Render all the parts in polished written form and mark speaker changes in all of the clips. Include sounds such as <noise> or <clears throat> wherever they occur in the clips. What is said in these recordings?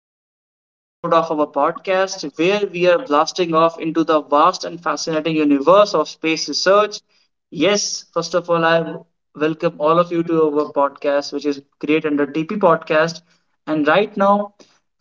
Speaker 1: of this world episode of our podcast where we are blasting off into the vast and fascinating universe of space research. Yes, first of all, I welcome all of you to our podcast, which is Create Under TP podcast. And right now,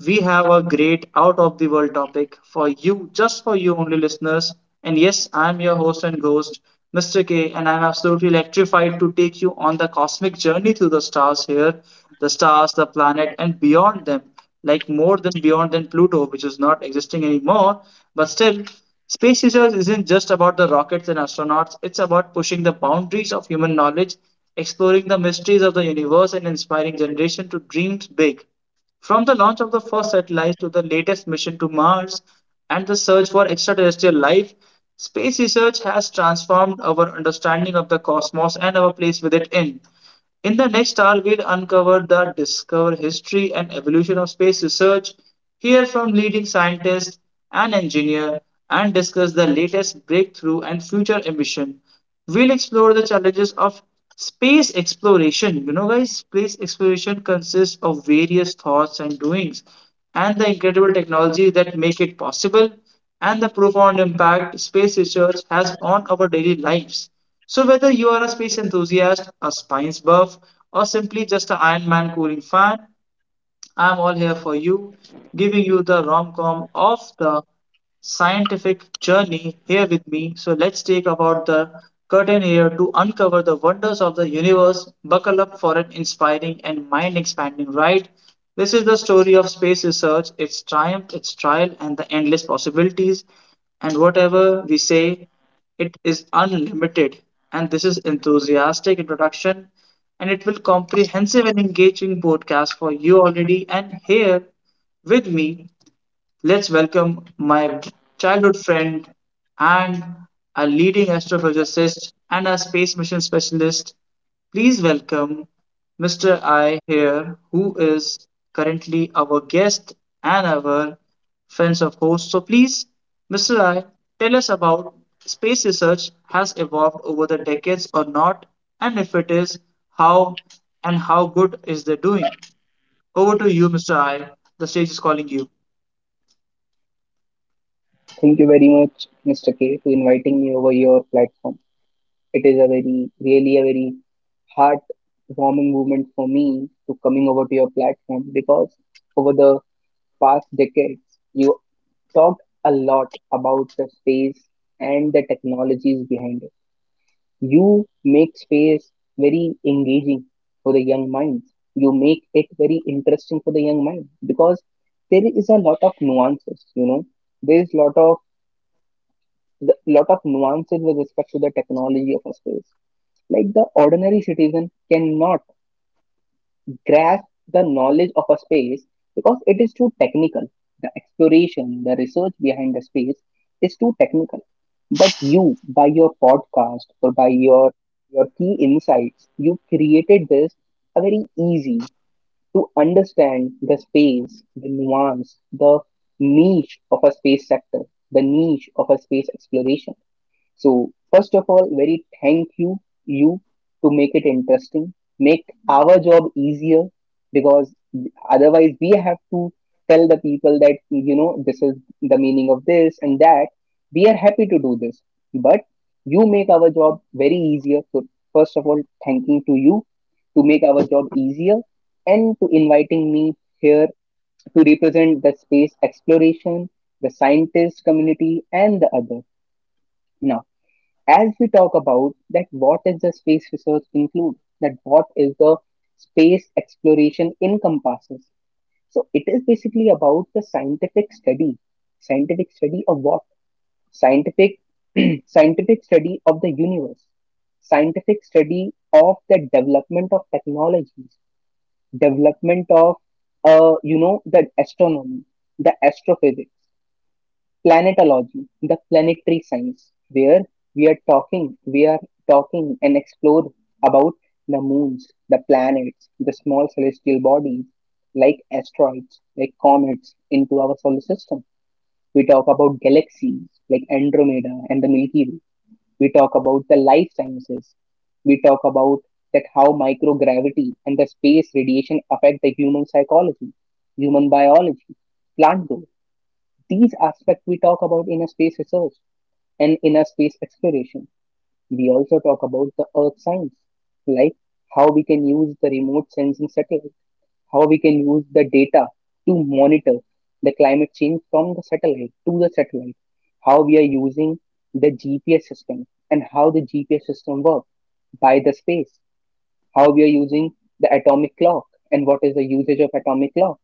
Speaker 1: we have a great out of the world topic for you, just for you only listeners. And yes, I'm your host and ghost, Mr. K, and I'm absolutely electrified to take you on the cosmic journey through the stars here, the stars, the planet, and beyond them, like more than beyond than Pluto, which is not existing anymore. But still, space research isn't just about the rockets and astronauts, it's about pushing the boundaries of human knowledge, exploring the mysteries of the universe, and inspiring generation to dream big. From the launch of the first satellite to the latest mission to Mars and the search for extraterrestrial life, space research has transformed our understanding of the cosmos and our place with it in. In the next hour, we'll uncover the discover history and evolution of space research, hear from leading scientists and engineers, and discuss the latest breakthrough and future ambition. We'll explore the challenges of space exploration. Guys, space exploration consists of various thoughts and doings, and the incredible technology that make it possible, and the profound impact space research has on our daily lives. So, whether you are a space enthusiast, a science buff, or simply just an Iron Man cooling fan, I'm all here for you, giving you the rom com of the scientific journey here with me. So let's take about the curtain here to uncover the wonders of the universe. Buckle up for an inspiring and mind expanding ride. This is the story of space research, its triumph, its trial, and the endless possibilities. And whatever we say, it is unlimited. And this is enthusiastic introduction and it will comprehensive and engaging podcast for you already and here with me. Let's welcome my childhood friend and a leading astrophysicist and a space mission specialist. Please welcome Mr. I here, who is currently our guest and our friends of host. So please, Mr. I, tell us about space research has evolved over the decades or not, and if it is, how and how good is they doing? Over to you, Mr. I. The stage is calling you.
Speaker 2: Thank you very much, Mr. K, to inviting me over your platform. It is really a very heartwarming moment for me to coming over to your platform because over the past decades, you talked a lot about the space and the technologies behind it. You make space very engaging for the young minds. You make it very interesting for the young mind because there is a lot of nuances. There is a lot of nuances with respect to the technology of a space. Like the ordinary citizen cannot grasp the knowledge of a space because it is too technical. The exploration, the research behind the space is too technical. But you, by your podcast or by your key insights, you created this a very easy to understand the space, the nuance, the niche of a space sector, the niche of a space exploration. So, first of all, very thank you, to make it interesting, make our job easier because otherwise we have to tell the people that, you know, this is the meaning of this and that. We are happy to do this, but you make our job very easier. So, first of all, thanking to you to make our job easier and to inviting me here to represent the space exploration, the scientist community, and the other. Now, as we talk about that what is the space research include, that what is the space exploration encompasses, so it is basically about the scientific study of what scientific <clears throat> scientific study of the universe scientific study of the development of technologies development of you know, the astronomy, the astrophysics, planetology, the planetary science, where we are talking and explore about the moons, the planets, the small celestial bodies like asteroids, like comets into our solar system. We talk about galaxies like Andromeda and the Milky Way. We talk about the life sciences. We talk about that how microgravity and the space radiation affect the human psychology, human biology, plant growth, these aspects we talk about in a space research and in a space exploration. We also talk about the earth science, like how we can use the remote sensing satellite, how we can use the data to monitor the climate change from the satellite to the satellite, how we are using the GPS system and how the GPS system works by the space, how we are using the atomic clock and what is the usage of atomic clock,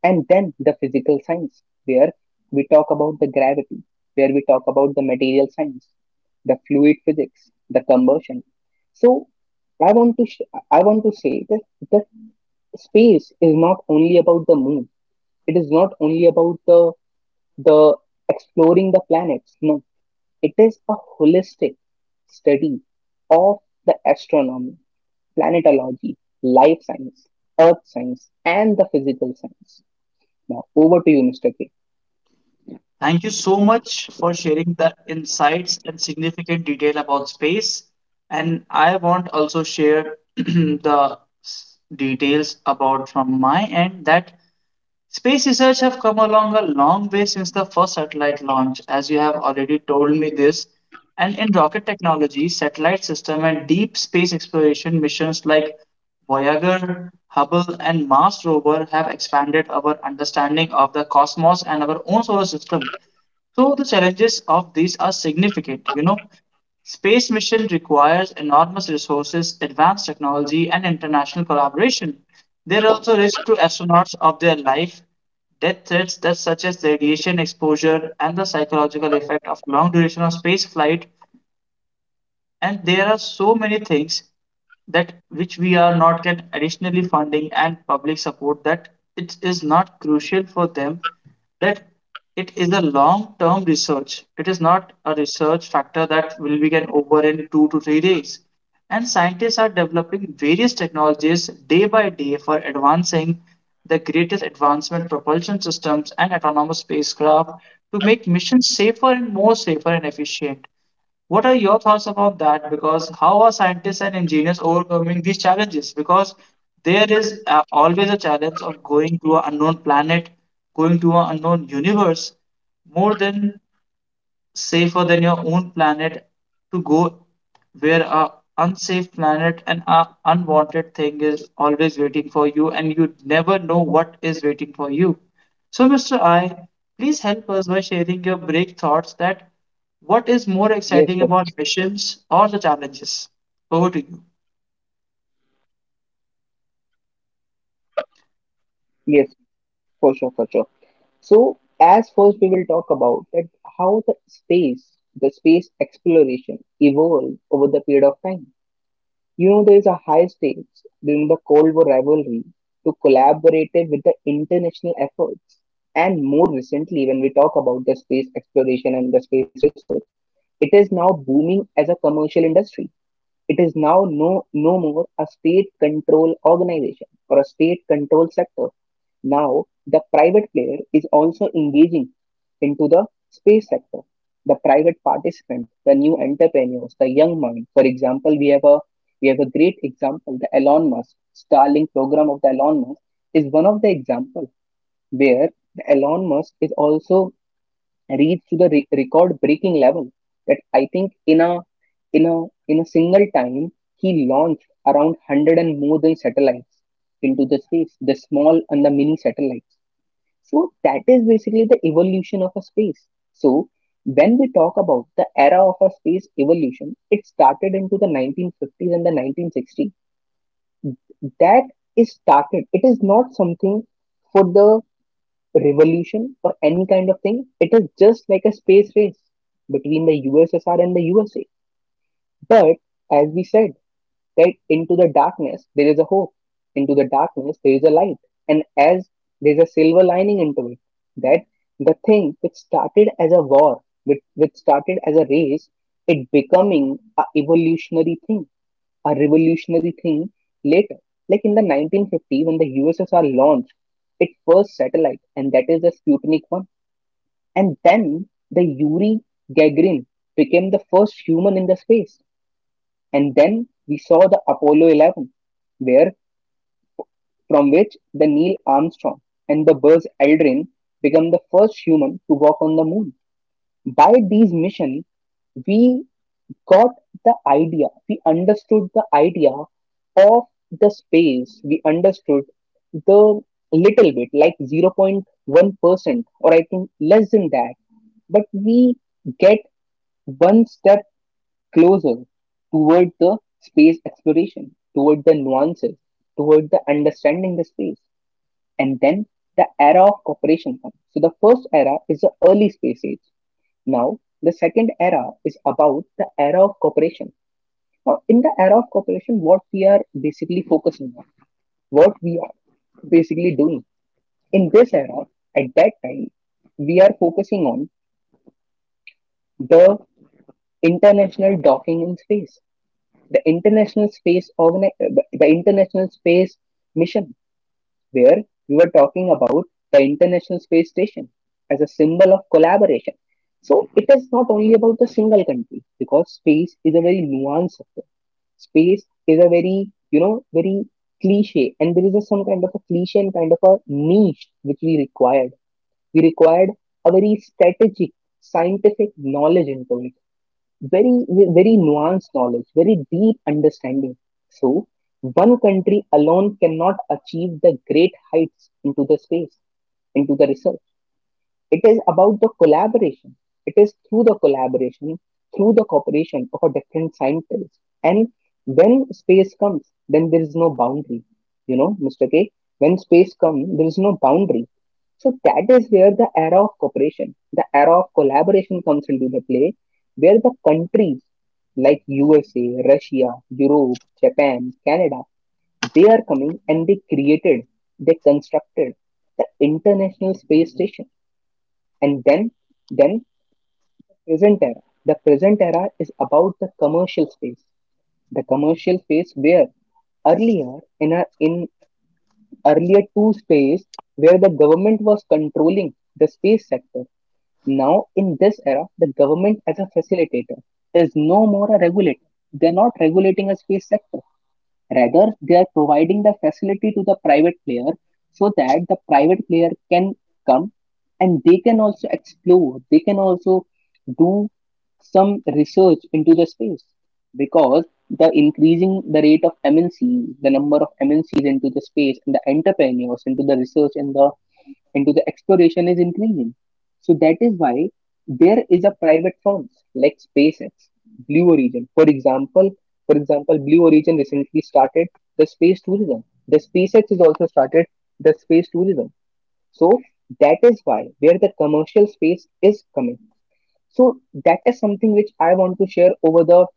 Speaker 2: and then the physical science, where we talk about the gravity, where we talk about the material science, the fluid physics, the combustion. So I want to I want to say that the space is not only about the moon. It is not only about the exploring the planets. No, it is a holistic study of the astronomy, planetology, life science, earth science, and the physical science. Now over to you, Mr. K.
Speaker 1: Thank you so much for sharing the insights and significant detail about space. And I want also share <clears throat> the details about from my end that space research have come along a long way since the first satellite launch, as you have already told me this. And in rocket technology, satellite system and deep space exploration missions like Voyager, Hubble, and Mars rover have expanded our understanding of the cosmos and our own solar system. So the challenges of these are significant. Space mission requires enormous resources, advanced technology, and international collaboration. There are also risks to astronauts of their life, death threats that such as radiation exposure and the psychological effect of long duration of space flight, and there are so many things that which we are not get additionally funding and public support that it is not crucial for them, that it is a long term research. It is not a research factor that will be get over in 2 to 3 days, and scientists are developing various technologies day by day for advancing the greatest advancement propulsion systems and autonomous spacecraft to make missions safer and more safer and efficient. What are your thoughts about that? Because how are scientists and engineers overcoming these challenges? Because there is always a challenge of going to an unknown planet, going to an unknown universe, more than safer than your own planet to go where a unsafe planet and a unwanted thing is always waiting for you and you never know what is waiting for you. So Mr. I, please help us by sharing your break thoughts that what is more
Speaker 2: Yes,
Speaker 1: exciting about missions or the challenges. Over to you.
Speaker 2: yes, for sure, for sure. So as first we will talk about that how the space exploration evolved over the period of time. You know, there is a high stakes during the Cold War rivalry to collaborate with the international efforts. And more recently, when we talk about the space exploration and the space research, it is now booming as a commercial industry. It is now no more a state control organization or a state control sector. Now, the private player is also engaging into the space sector. The private participant, the new entrepreneurs, the young mind. For example, we have a great example, the Elon Musk Starlink program of the Elon Musk is one of the example where the Elon Musk is also reach to the record-breaking level that I think in a in a single time he launched around 100 and more than satellites into the space, the small and the mini satellites. So that is basically the evolution of a space. So when we talk about the era of a space evolution, it started into the 1950s and the 1960s. That is started. It is not something for the revolution or any kind of thing. It is just like a space race between the USSR and the USA. But as we said, right, into the darkness there is a hope. Into the darkness there is a light. And as there's a silver lining into it, that the thing which started as a war, which started as a race, it becoming a evolutionary thing, a revolutionary thing later. Like in the 1950 when the USSR launched its first satellite, and that is the Sputnik 1. And then the Yuri Gagarin became the first human in the space. And then we saw the Apollo 11, where from which the Neil Armstrong and the Buzz Aldrin became the first human to walk on the moon. By these missions, we got the idea, we understood the idea of the space, we understood the little bit, like 0.1%, or I think less than that. But we get one step closer toward the space exploration, toward the nuances, toward the understanding the space. And then the era of cooperation comes. So the first era is the early space age. Now the second era is about the era of cooperation. Now in the era of cooperation, what we are basically focusing on, what we are basically doing in this era, at that time, we are focusing on the international docking in space, the international space the international space mission, where we were talking about the international space station as a symbol of collaboration. So it is not only about the single country, because space is a very nuanced sector, space is a very, you know, very cliche, and there is a, some kind of a cliche and kind of a niche which we required a very strategic scientific knowledge into it, very very nuanced knowledge, very deep understanding. So one country alone cannot achieve the great heights into the space, into the research. It is about the collaboration. It is through the collaboration, through the cooperation of a different scientists. And when space comes, then there is no boundary. You know, Mr. K, when space comes, there is no boundary. So that is where the era of cooperation, the era of collaboration comes into the play, where the countries like USA, Russia, Europe, Japan, Canada, they are coming and they created, they constructed the International Space Station. And then present era. The present era is about the commercial space. The commercial space where earlier in a in earlier two space where the government was controlling the space sector. Now in this era, the government as a facilitator is no more a regulator. They're not regulating a space sector. Rather, they are providing the facility to the private player so that the private player can come and they can also explore, they can also do some research into the space, because the increasing the rate of MNCs, the number of MNCs into the space and the entrepreneurs into the research and the into the exploration is increasing. So that is why there is a private firms like SpaceX, Blue Origin. For for example, Blue Origin recently started the space tourism. The SpaceX has also started the space tourism. So that is why where the commercial space is coming. So that is something which I want to share over the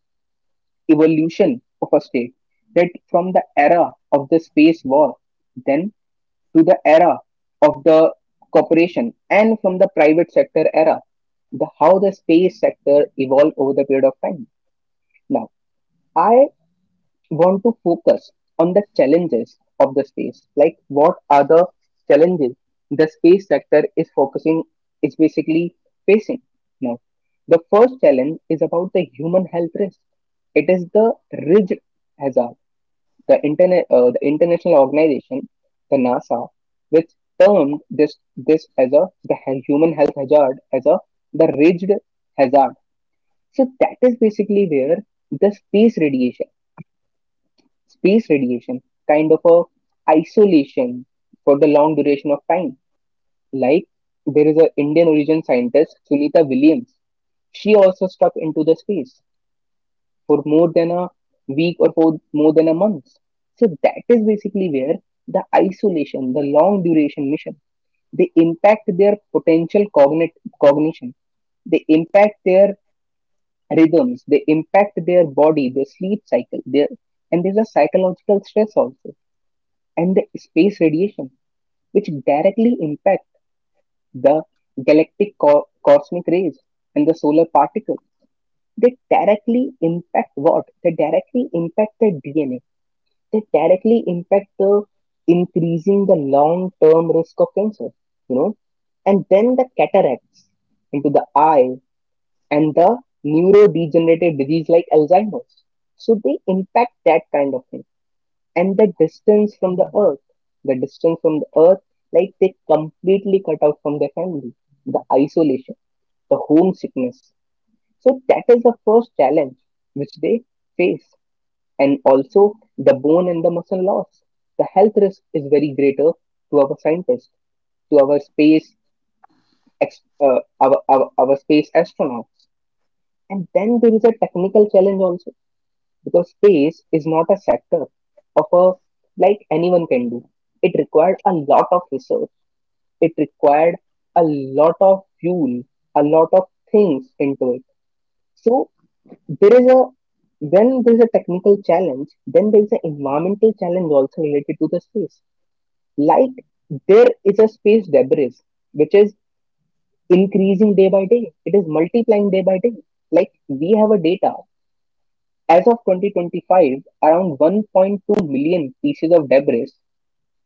Speaker 2: evolution of a state. That from the era of the space war, then to the era of the corporation, and from the private sector era, the how the space sector evolved over the period of time. Now, I want to focus on the challenges of the space. Like, what are the challenges the space sector is focusing, is basically facing now? The first challenge is about the human health risk. It is the ridge hazard. The the international organization, the NASA, which termed this as a the human health hazard as a the ridge hazard. So that is basically where the space radiation, kind of a isolation for the long duration of time. Like there is a Indian origin scientist Sunita Williams. She also stuck into the space for more than a week or for more than a month. So that is basically where the isolation, the long duration mission, they impact their potential cognition. They impact their rhythms. They impact their body, their sleep cycle. Their and there's a psychological stress also, and the space radiation, which directly impact the galactic cosmic rays and the solar particles. They directly impact what? They directly impact the DNA. They directly impact the increasing the long-term risk of cancer, you know. And then the cataracts into the eye and the neurodegenerative disease like Alzheimer's. So they impact that kind of thing and the distance from the earth, like they completely cut out from their family, the isolation, the homesickness. So that is the first challenge which they face. And also the bone and the muscle loss. The health risk is very greater to our scientists, to our space, ex- uh, our, our space astronauts. And then there is a technical challenge also because space is not a sector of a like anyone can do. It required a lot of research, it required a lot of fuel, a lot of things into it. So there is a when there is a technical challenge, then there is an environmental challenge also related to the space. Like there is a space debris which is increasing day by day. It is multiplying day by day. Like we have a data as of 2025, around 1.2 million pieces of debris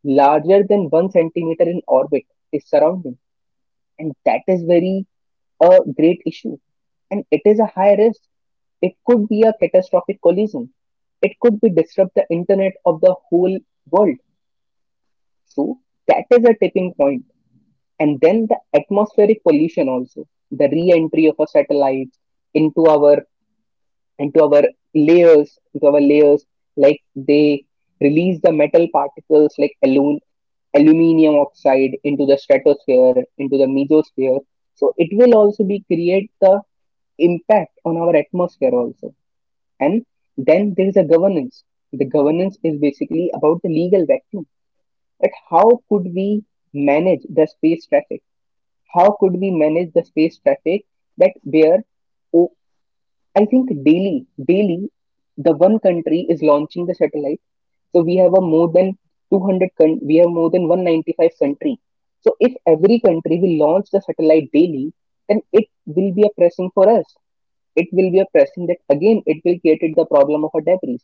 Speaker 2: larger than one centimeter in orbit is surrounding. And that is very a great issue, and it is a high risk. It could be a catastrophic collision, it could be disrupt the internet of the whole world. So that is a tipping point. And then the atmospheric pollution also, the re-entry of a satellite into our into our layers, like they release the metal particles like aluminum oxide into the stratosphere, into the mesosphere. So it will also be create the impact on our atmosphere also. And then there is a governance. The governance is basically about the legal vacuum. At how could we manage the space traffic? How could we manage the space traffic that where oh, I think daily, the one country is launching the satellite. So we have a more than we have more than 195 country. So if every country will launch the satellite daily, then it will be a pressing for us, it will be a pressing that again it will create the problem of a debris.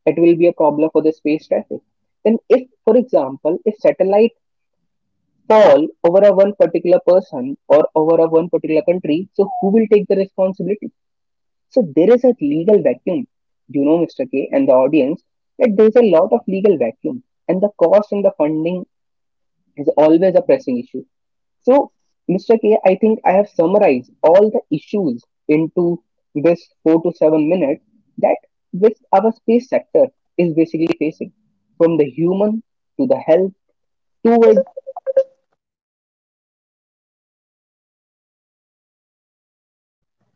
Speaker 2: It will be a problem for the space traffic. Then if for example if satellite fall over a one particular person or over a one particular country, so who will take the responsibility? So there is a legal vacuum, you know, Mr. K and the audience, that there is a lot of legal vacuum, and the cost and the funding is always a pressing issue. So Mr. K, I think I have summarized all the issues into this 4 to 7 minutes that which our space sector is basically facing, from the human to the health to it.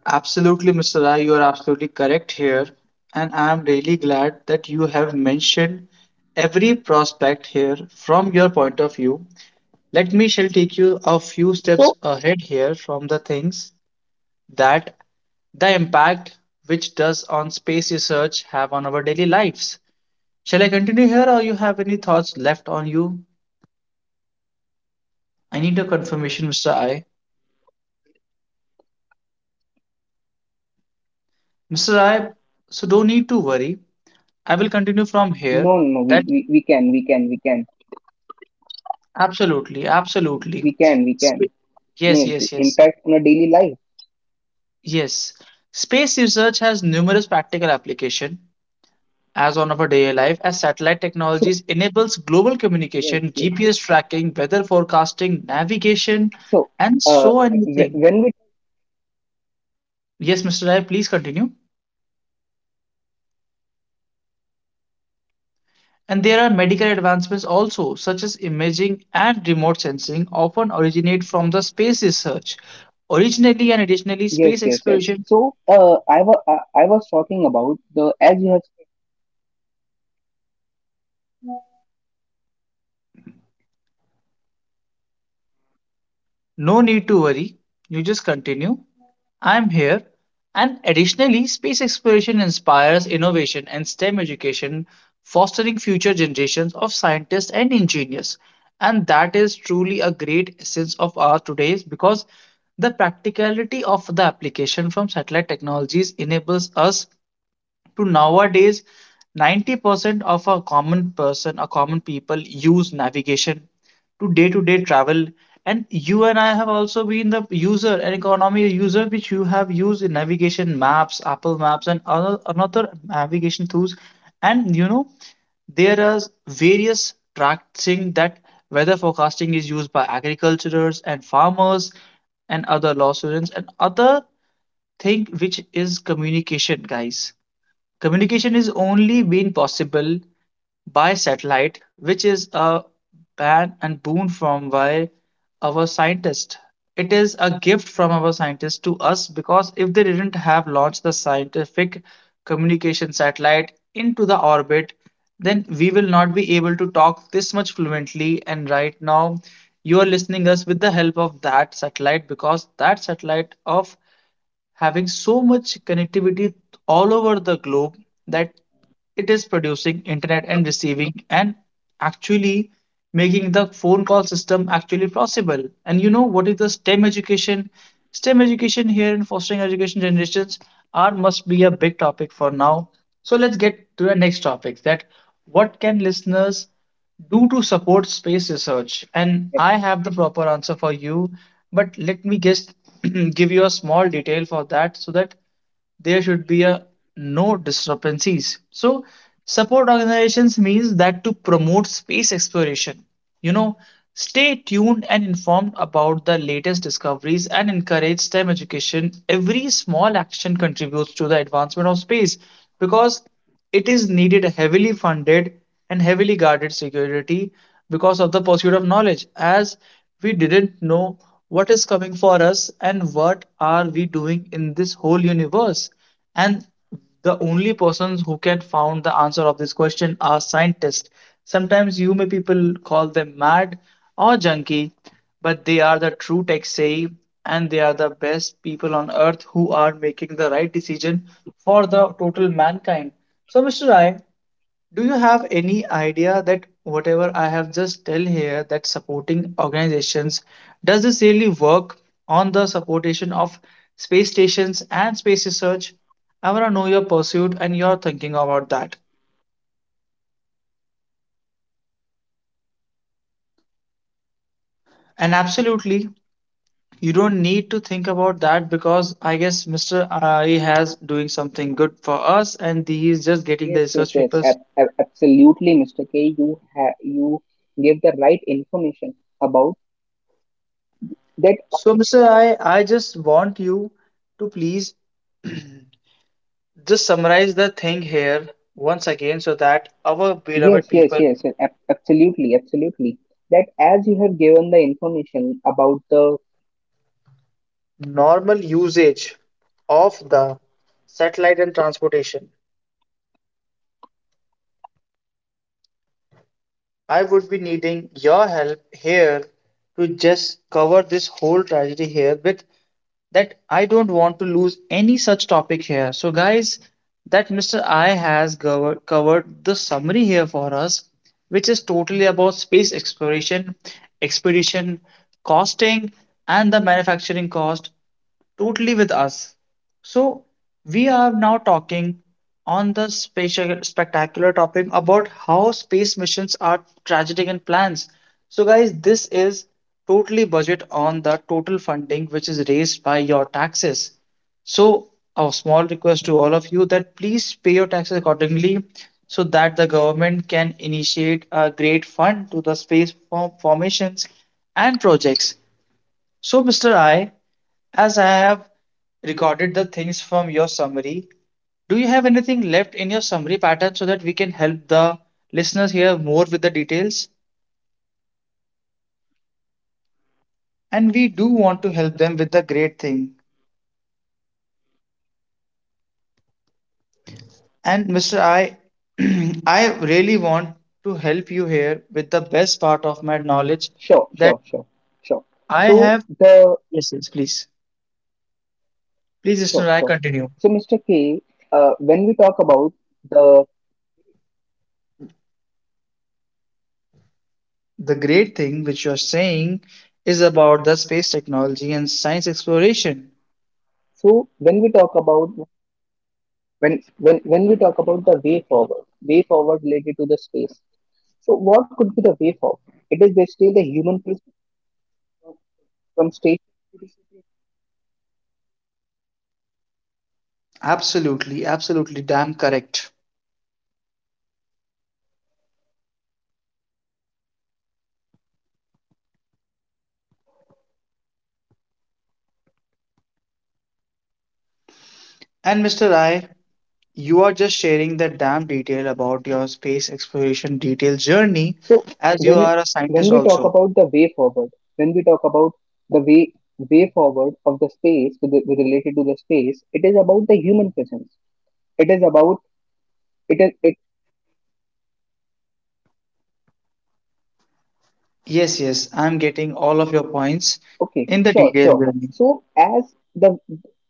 Speaker 1: Absolutely, Mr. Rai, you are absolutely correct here. And I am really glad that you have mentioned every prospect here from your point of view. Let me shall take you a few
Speaker 2: So,
Speaker 1: steps ahead here from the things that the impact which does on space research have on our daily lives. Shall I continue here or you have any thoughts left on you? I need a confirmation, Mr. I. Mr. I, so don't need to worry. I will continue from
Speaker 2: no,
Speaker 1: here.
Speaker 2: no, no,
Speaker 1: That
Speaker 2: we can, we can, we can,
Speaker 1: absolutely,
Speaker 2: we can, we can.
Speaker 1: Sp-
Speaker 2: No
Speaker 1: Yes,
Speaker 2: issue.
Speaker 1: yes, yes.
Speaker 2: Impact on our daily life. <laughs>
Speaker 1: Yes. Space research has numerous practical application as on our daily life as satellite
Speaker 2: So,
Speaker 1: technologies enables global
Speaker 2: yes,
Speaker 1: communication,
Speaker 2: yes.
Speaker 1: GPS tracking, weather forecasting, navigation,
Speaker 2: So,
Speaker 1: and
Speaker 2: uh,
Speaker 1: so
Speaker 2: wh-
Speaker 1: anything.
Speaker 2: when we,
Speaker 1: Yes, Mr. Rai, please continue. And there are medical advancements also, such as imaging and remote sensing, often originate from the space research. Originally and additionally,
Speaker 2: yes,
Speaker 1: space
Speaker 2: yes, yes.
Speaker 1: exploration.
Speaker 2: So, I was, I was talking about the, as you have
Speaker 1: No need to worry, you just continue. I'm here. And additionally, space exploration inspires innovation and STEM education, fostering future generations of scientists and engineers. And that is truly a great essence of our today's because the practicality of the application from satellite technologies enables us to nowadays 90% of a common person a common people use navigation to day-to-day travel. And you and I have also been the user an economy user which you have used in navigation maps, apple maps and other another navigation tools. And there are various tracking that weather forecasting is used by agriculturers and farmers and other law students and other thing which is communication, guys. Communication is only been possible by satellite, which is a ban and boon from by our scientists. It is a gift from our scientists to us because if they didn't have launched the scientific communication satellite into the orbit, then we will not be able to talk this much fluently. And right now, you are listening us with the help of that satellite because that satellite of having so much connectivity all over the globe that it is producing internet and receiving and actually making the phone call system actually possible. And you know what is the STEM education. STEM education here in fostering education generations are must be a big topic for now. So let's get to the next topic that what can listeners do to support space research? And I have the proper answer for you, but let me just <clears throat> give you a small detail for that so that there should be a no discrepancies. So support organizations means that to promote space exploration. You know, stay tuned and informed about the latest discoveries and encourage STEM education. Every small action contributes to the advancement of space because it is needed heavily funded and heavily guarded security because of the pursuit of knowledge as we didn't know what is coming for us and what are we doing in this whole universe. And the only persons who can found the answer of this question are scientists. Sometimes you may people call them mad or junkie, but they are the true tech savvy and they are the best people on earth who are making the right decision for the total mankind. So, Mr. Ryan, do you have any idea that whatever I have just tell here that supporting organizations does this really work on the supportation of space stations and space research? I want to know your pursuit and your thinking about that. And absolutely, you don't need to think about that because I guess Mr. I has doing something good for us and he is just getting the
Speaker 2: Yes, yes,
Speaker 1: research
Speaker 2: yes.
Speaker 1: papers.
Speaker 2: ab- ab- absolutely, Mr. K. You give the right information about that.
Speaker 1: So, Mr. I just want you to please <clears throat> just summarize the thing here once again so that our beloved
Speaker 2: Yes,
Speaker 1: people
Speaker 2: yes, yes. yes. ab- absolutely, absolutely. That as you have given the information about the
Speaker 1: normal usage of the satellite and transportation. I would be needing your
Speaker 2: yes, for
Speaker 1: help
Speaker 2: sure, for sure,
Speaker 1: here
Speaker 2: for sure.
Speaker 1: to just
Speaker 2: So
Speaker 1: cover this whole
Speaker 2: when
Speaker 1: tragedy
Speaker 2: we talk
Speaker 1: here
Speaker 2: about
Speaker 1: with
Speaker 2: the space research,
Speaker 1: that I don't want to lose any such topic here. So, guys, that Mr. I has covered the summary here for us, which is totally about space exploration, expedition, costing, and the manufacturing cost, totally with us. So, we are now talking on the special, spectacular topic about how space missions are strategic in plans. So, guys, this is totally budget on the total funding which is raised by your taxes. So, a small request to all of you that please pay your taxes accordingly so that the government can initiate a great fund to the space formations and projects. So, Mr. I, as I have recorded the things from your summary, do you have anything left in your summary pattern so that we can help the listeners here more with the details? And we do want to help them with the great thing. And Mr. I, <clears throat> I really want to help you here with the best part of my knowledge
Speaker 2: sure,
Speaker 1: that
Speaker 2: sure, sure, sure.
Speaker 1: I
Speaker 2: So
Speaker 1: have.
Speaker 2: the
Speaker 1: Yes, yes, please. Please,
Speaker 2: sure,
Speaker 1: Mr. I,
Speaker 2: sure.
Speaker 1: continue.
Speaker 2: So Mr. K, when we talk about the
Speaker 1: The great thing which you are saying is about the space technology and science exploration.
Speaker 2: so when we talk about when when we talk about the way forward, related to the space. So what could be the way forward? It is basically the human prism from state to the city.
Speaker 1: Absolutely, absolutely damn correct. And Mr. I, you are just sharing that damn detail about your space exploration detailed journey
Speaker 2: So
Speaker 1: as you
Speaker 2: when
Speaker 1: are a
Speaker 2: when
Speaker 1: scientist
Speaker 2: we talk
Speaker 1: also.
Speaker 2: about the way forward when we talk about the way way forward of the space with related to the space, it is about the human presence, it is about it is
Speaker 1: Yes, yes, I'm getting all of your points
Speaker 2: Okay,
Speaker 1: in the
Speaker 2: sure,
Speaker 1: detailed
Speaker 2: sure.
Speaker 1: journey.
Speaker 2: So as the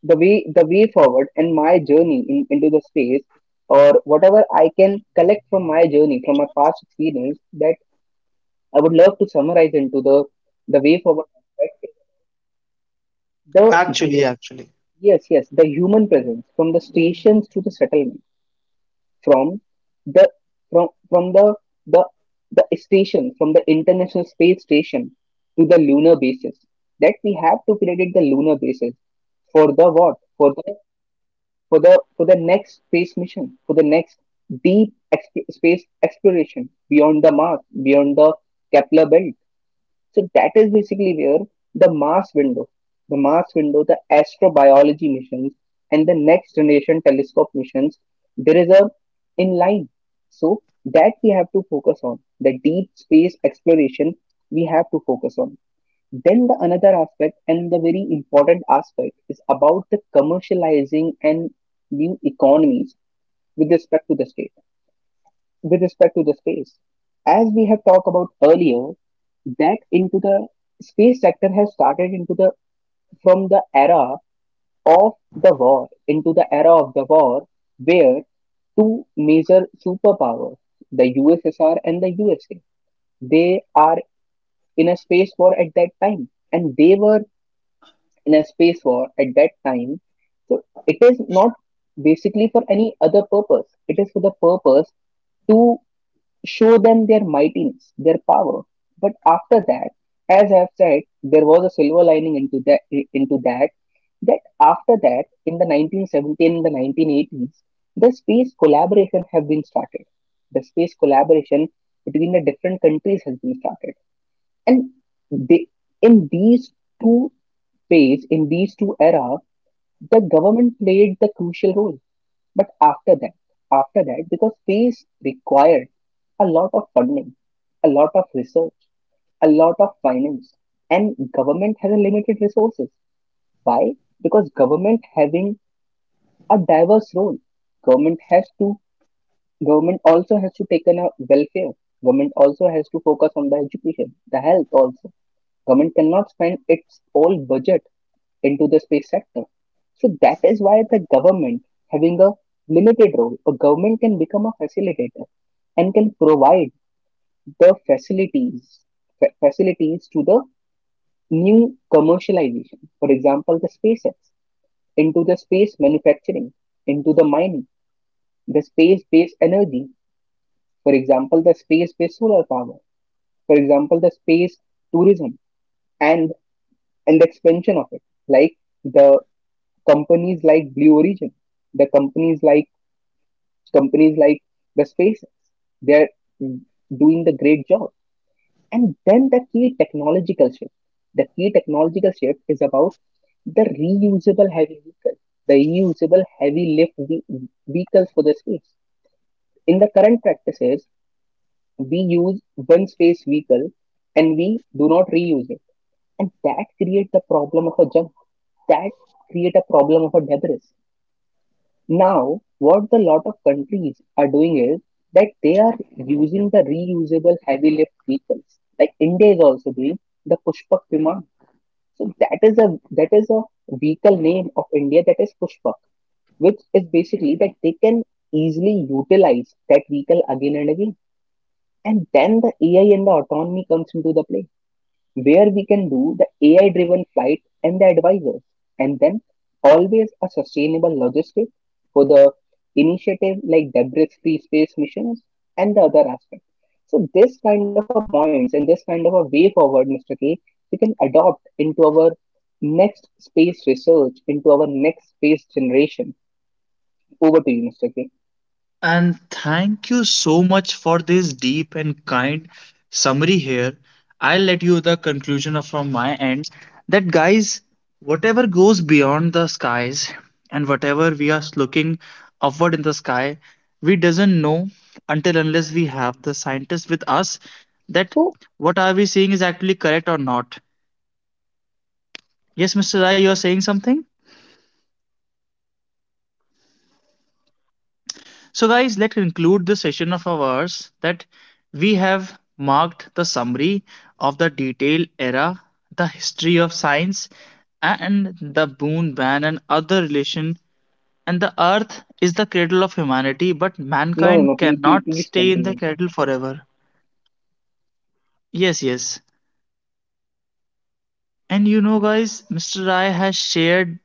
Speaker 2: the way forward and my journey into the space or whatever I can collect from my journey, from my past experience, that I would love to summarize into the way forward aspect. The
Speaker 1: Actually, actually.
Speaker 2: yes the human presence from the stations to the settlement, from the from the the station from the international space station to the lunar bases, that we have to credit the lunar bases for the what for the next space mission, for the next deep space exploration beyond the Mars, beyond the Kepler belt. So that is basically where the Mars window, the Mars window, the astrobiology missions, and the next generation telescope missions, there is a in line. So that we have to focus on the deep space exploration. We have to focus on. Then the another aspect and the very important aspect is about the commercializing and new economies with respect to the state with respect to the space. As we have talked about earlier, that into the space sector has started into the from the era of the war where two major superpowers, the USSR and the USA, they are in a space war at that time, and they were in a space war at that time. So it is not basically for any other purpose. It is for the purpose to show them their mightiness, their power. But after that, as I've said, there was a silver lining into that. Into that, After that, in the 1917 and the 1980s, the space collaboration have been started. The space collaboration between the different countries has been started, and they, in these two two era, the government played the crucial role. But after that, after that, because space required a lot of funding, a lot of research, a lot of finance, and government has a limited resources. Why? Because government having a diverse role. Government has to take on a welfare. Government also has to focus on the education, the health also. Government cannot spend its whole budget into the space sector. So that is why the government having a limited role, a government can become a facilitator and can provide the facilities facilities to the new commercial idea. For example, the SpaceX into the space manufacturing, into the mining, the space-based energy. For example, the space-based solar power. For example, the space tourism and the expansion of it, like the companies like Blue Origin, the companies like the SpaceX, they're doing the great job. And then the key technological shift. The key technological shift is about the reusable heavy vehicle, the reusable heavy lift vehicles for the space. In the current practices, we use one space vehicle and we do not reuse it. And that creates the problem of a junk. That create a problem of a debris. Now, what the lot of countries are doing is that they are using the reusable heavy lift vehicles. Like India is also doing the Pushpak Viman. So that is a vehicle name of India that is Pushpak, which is basically that they can easily utilize that vehicle again and again. And then the AI and the autonomy comes into the play where we can do the AI driven flight and the advisors, and then always a sustainable logistic for the initiative like debris free space missions and the other aspect. So this kind of a points and this kind of a way forward, Mr. K, we can adopt into our next space research, into our next space generation. Over to you, Mr. K.
Speaker 1: And thank you so much for this deep and kind summary here. I'll let you the conclusion of- from my end that guys, whatever goes beyond the skies and whatever we are looking upward in the sky, we doesn't know until unless we have the scientists with us that
Speaker 2: So
Speaker 1: what are we seeing is actually correct or not. Yes, Mr. Rai, you are saying something? So, guys, let's conclude the session of ours that we have marked the summary of the detailed era, the history of science, and the boon ban and other relation. And the earth is the cradle of humanity, but
Speaker 2: no no
Speaker 1: mankind
Speaker 2: no
Speaker 1: cannot
Speaker 2: please
Speaker 1: stay in
Speaker 2: continue.
Speaker 1: the cradle forever. Yes, yes. And guys, Mr. Rai has shared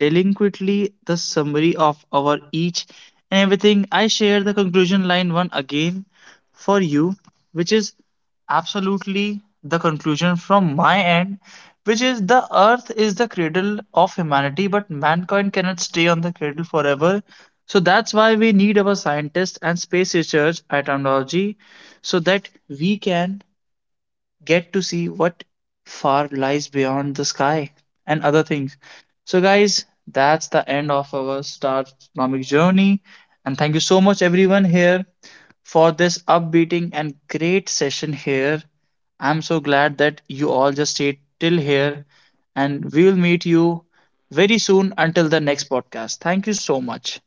Speaker 1: delinquently the summary of our each and everything. I share the conclusion line one again for you, which is absolutely the conclusion from my end, which is the earth is the cradle of humanity, but mankind cannot stay on the cradle forever. So that's why we need our scientists and space research at technology so that we can get to see what far lies beyond the sky and other things. So, guys, that's the end of our star astronomic journey. And thank you so much, everyone, here for this upbeating and great session here. I'm so glad that you all just stayed till here, and we'll meet you very soon until the next podcast. Thank you so much.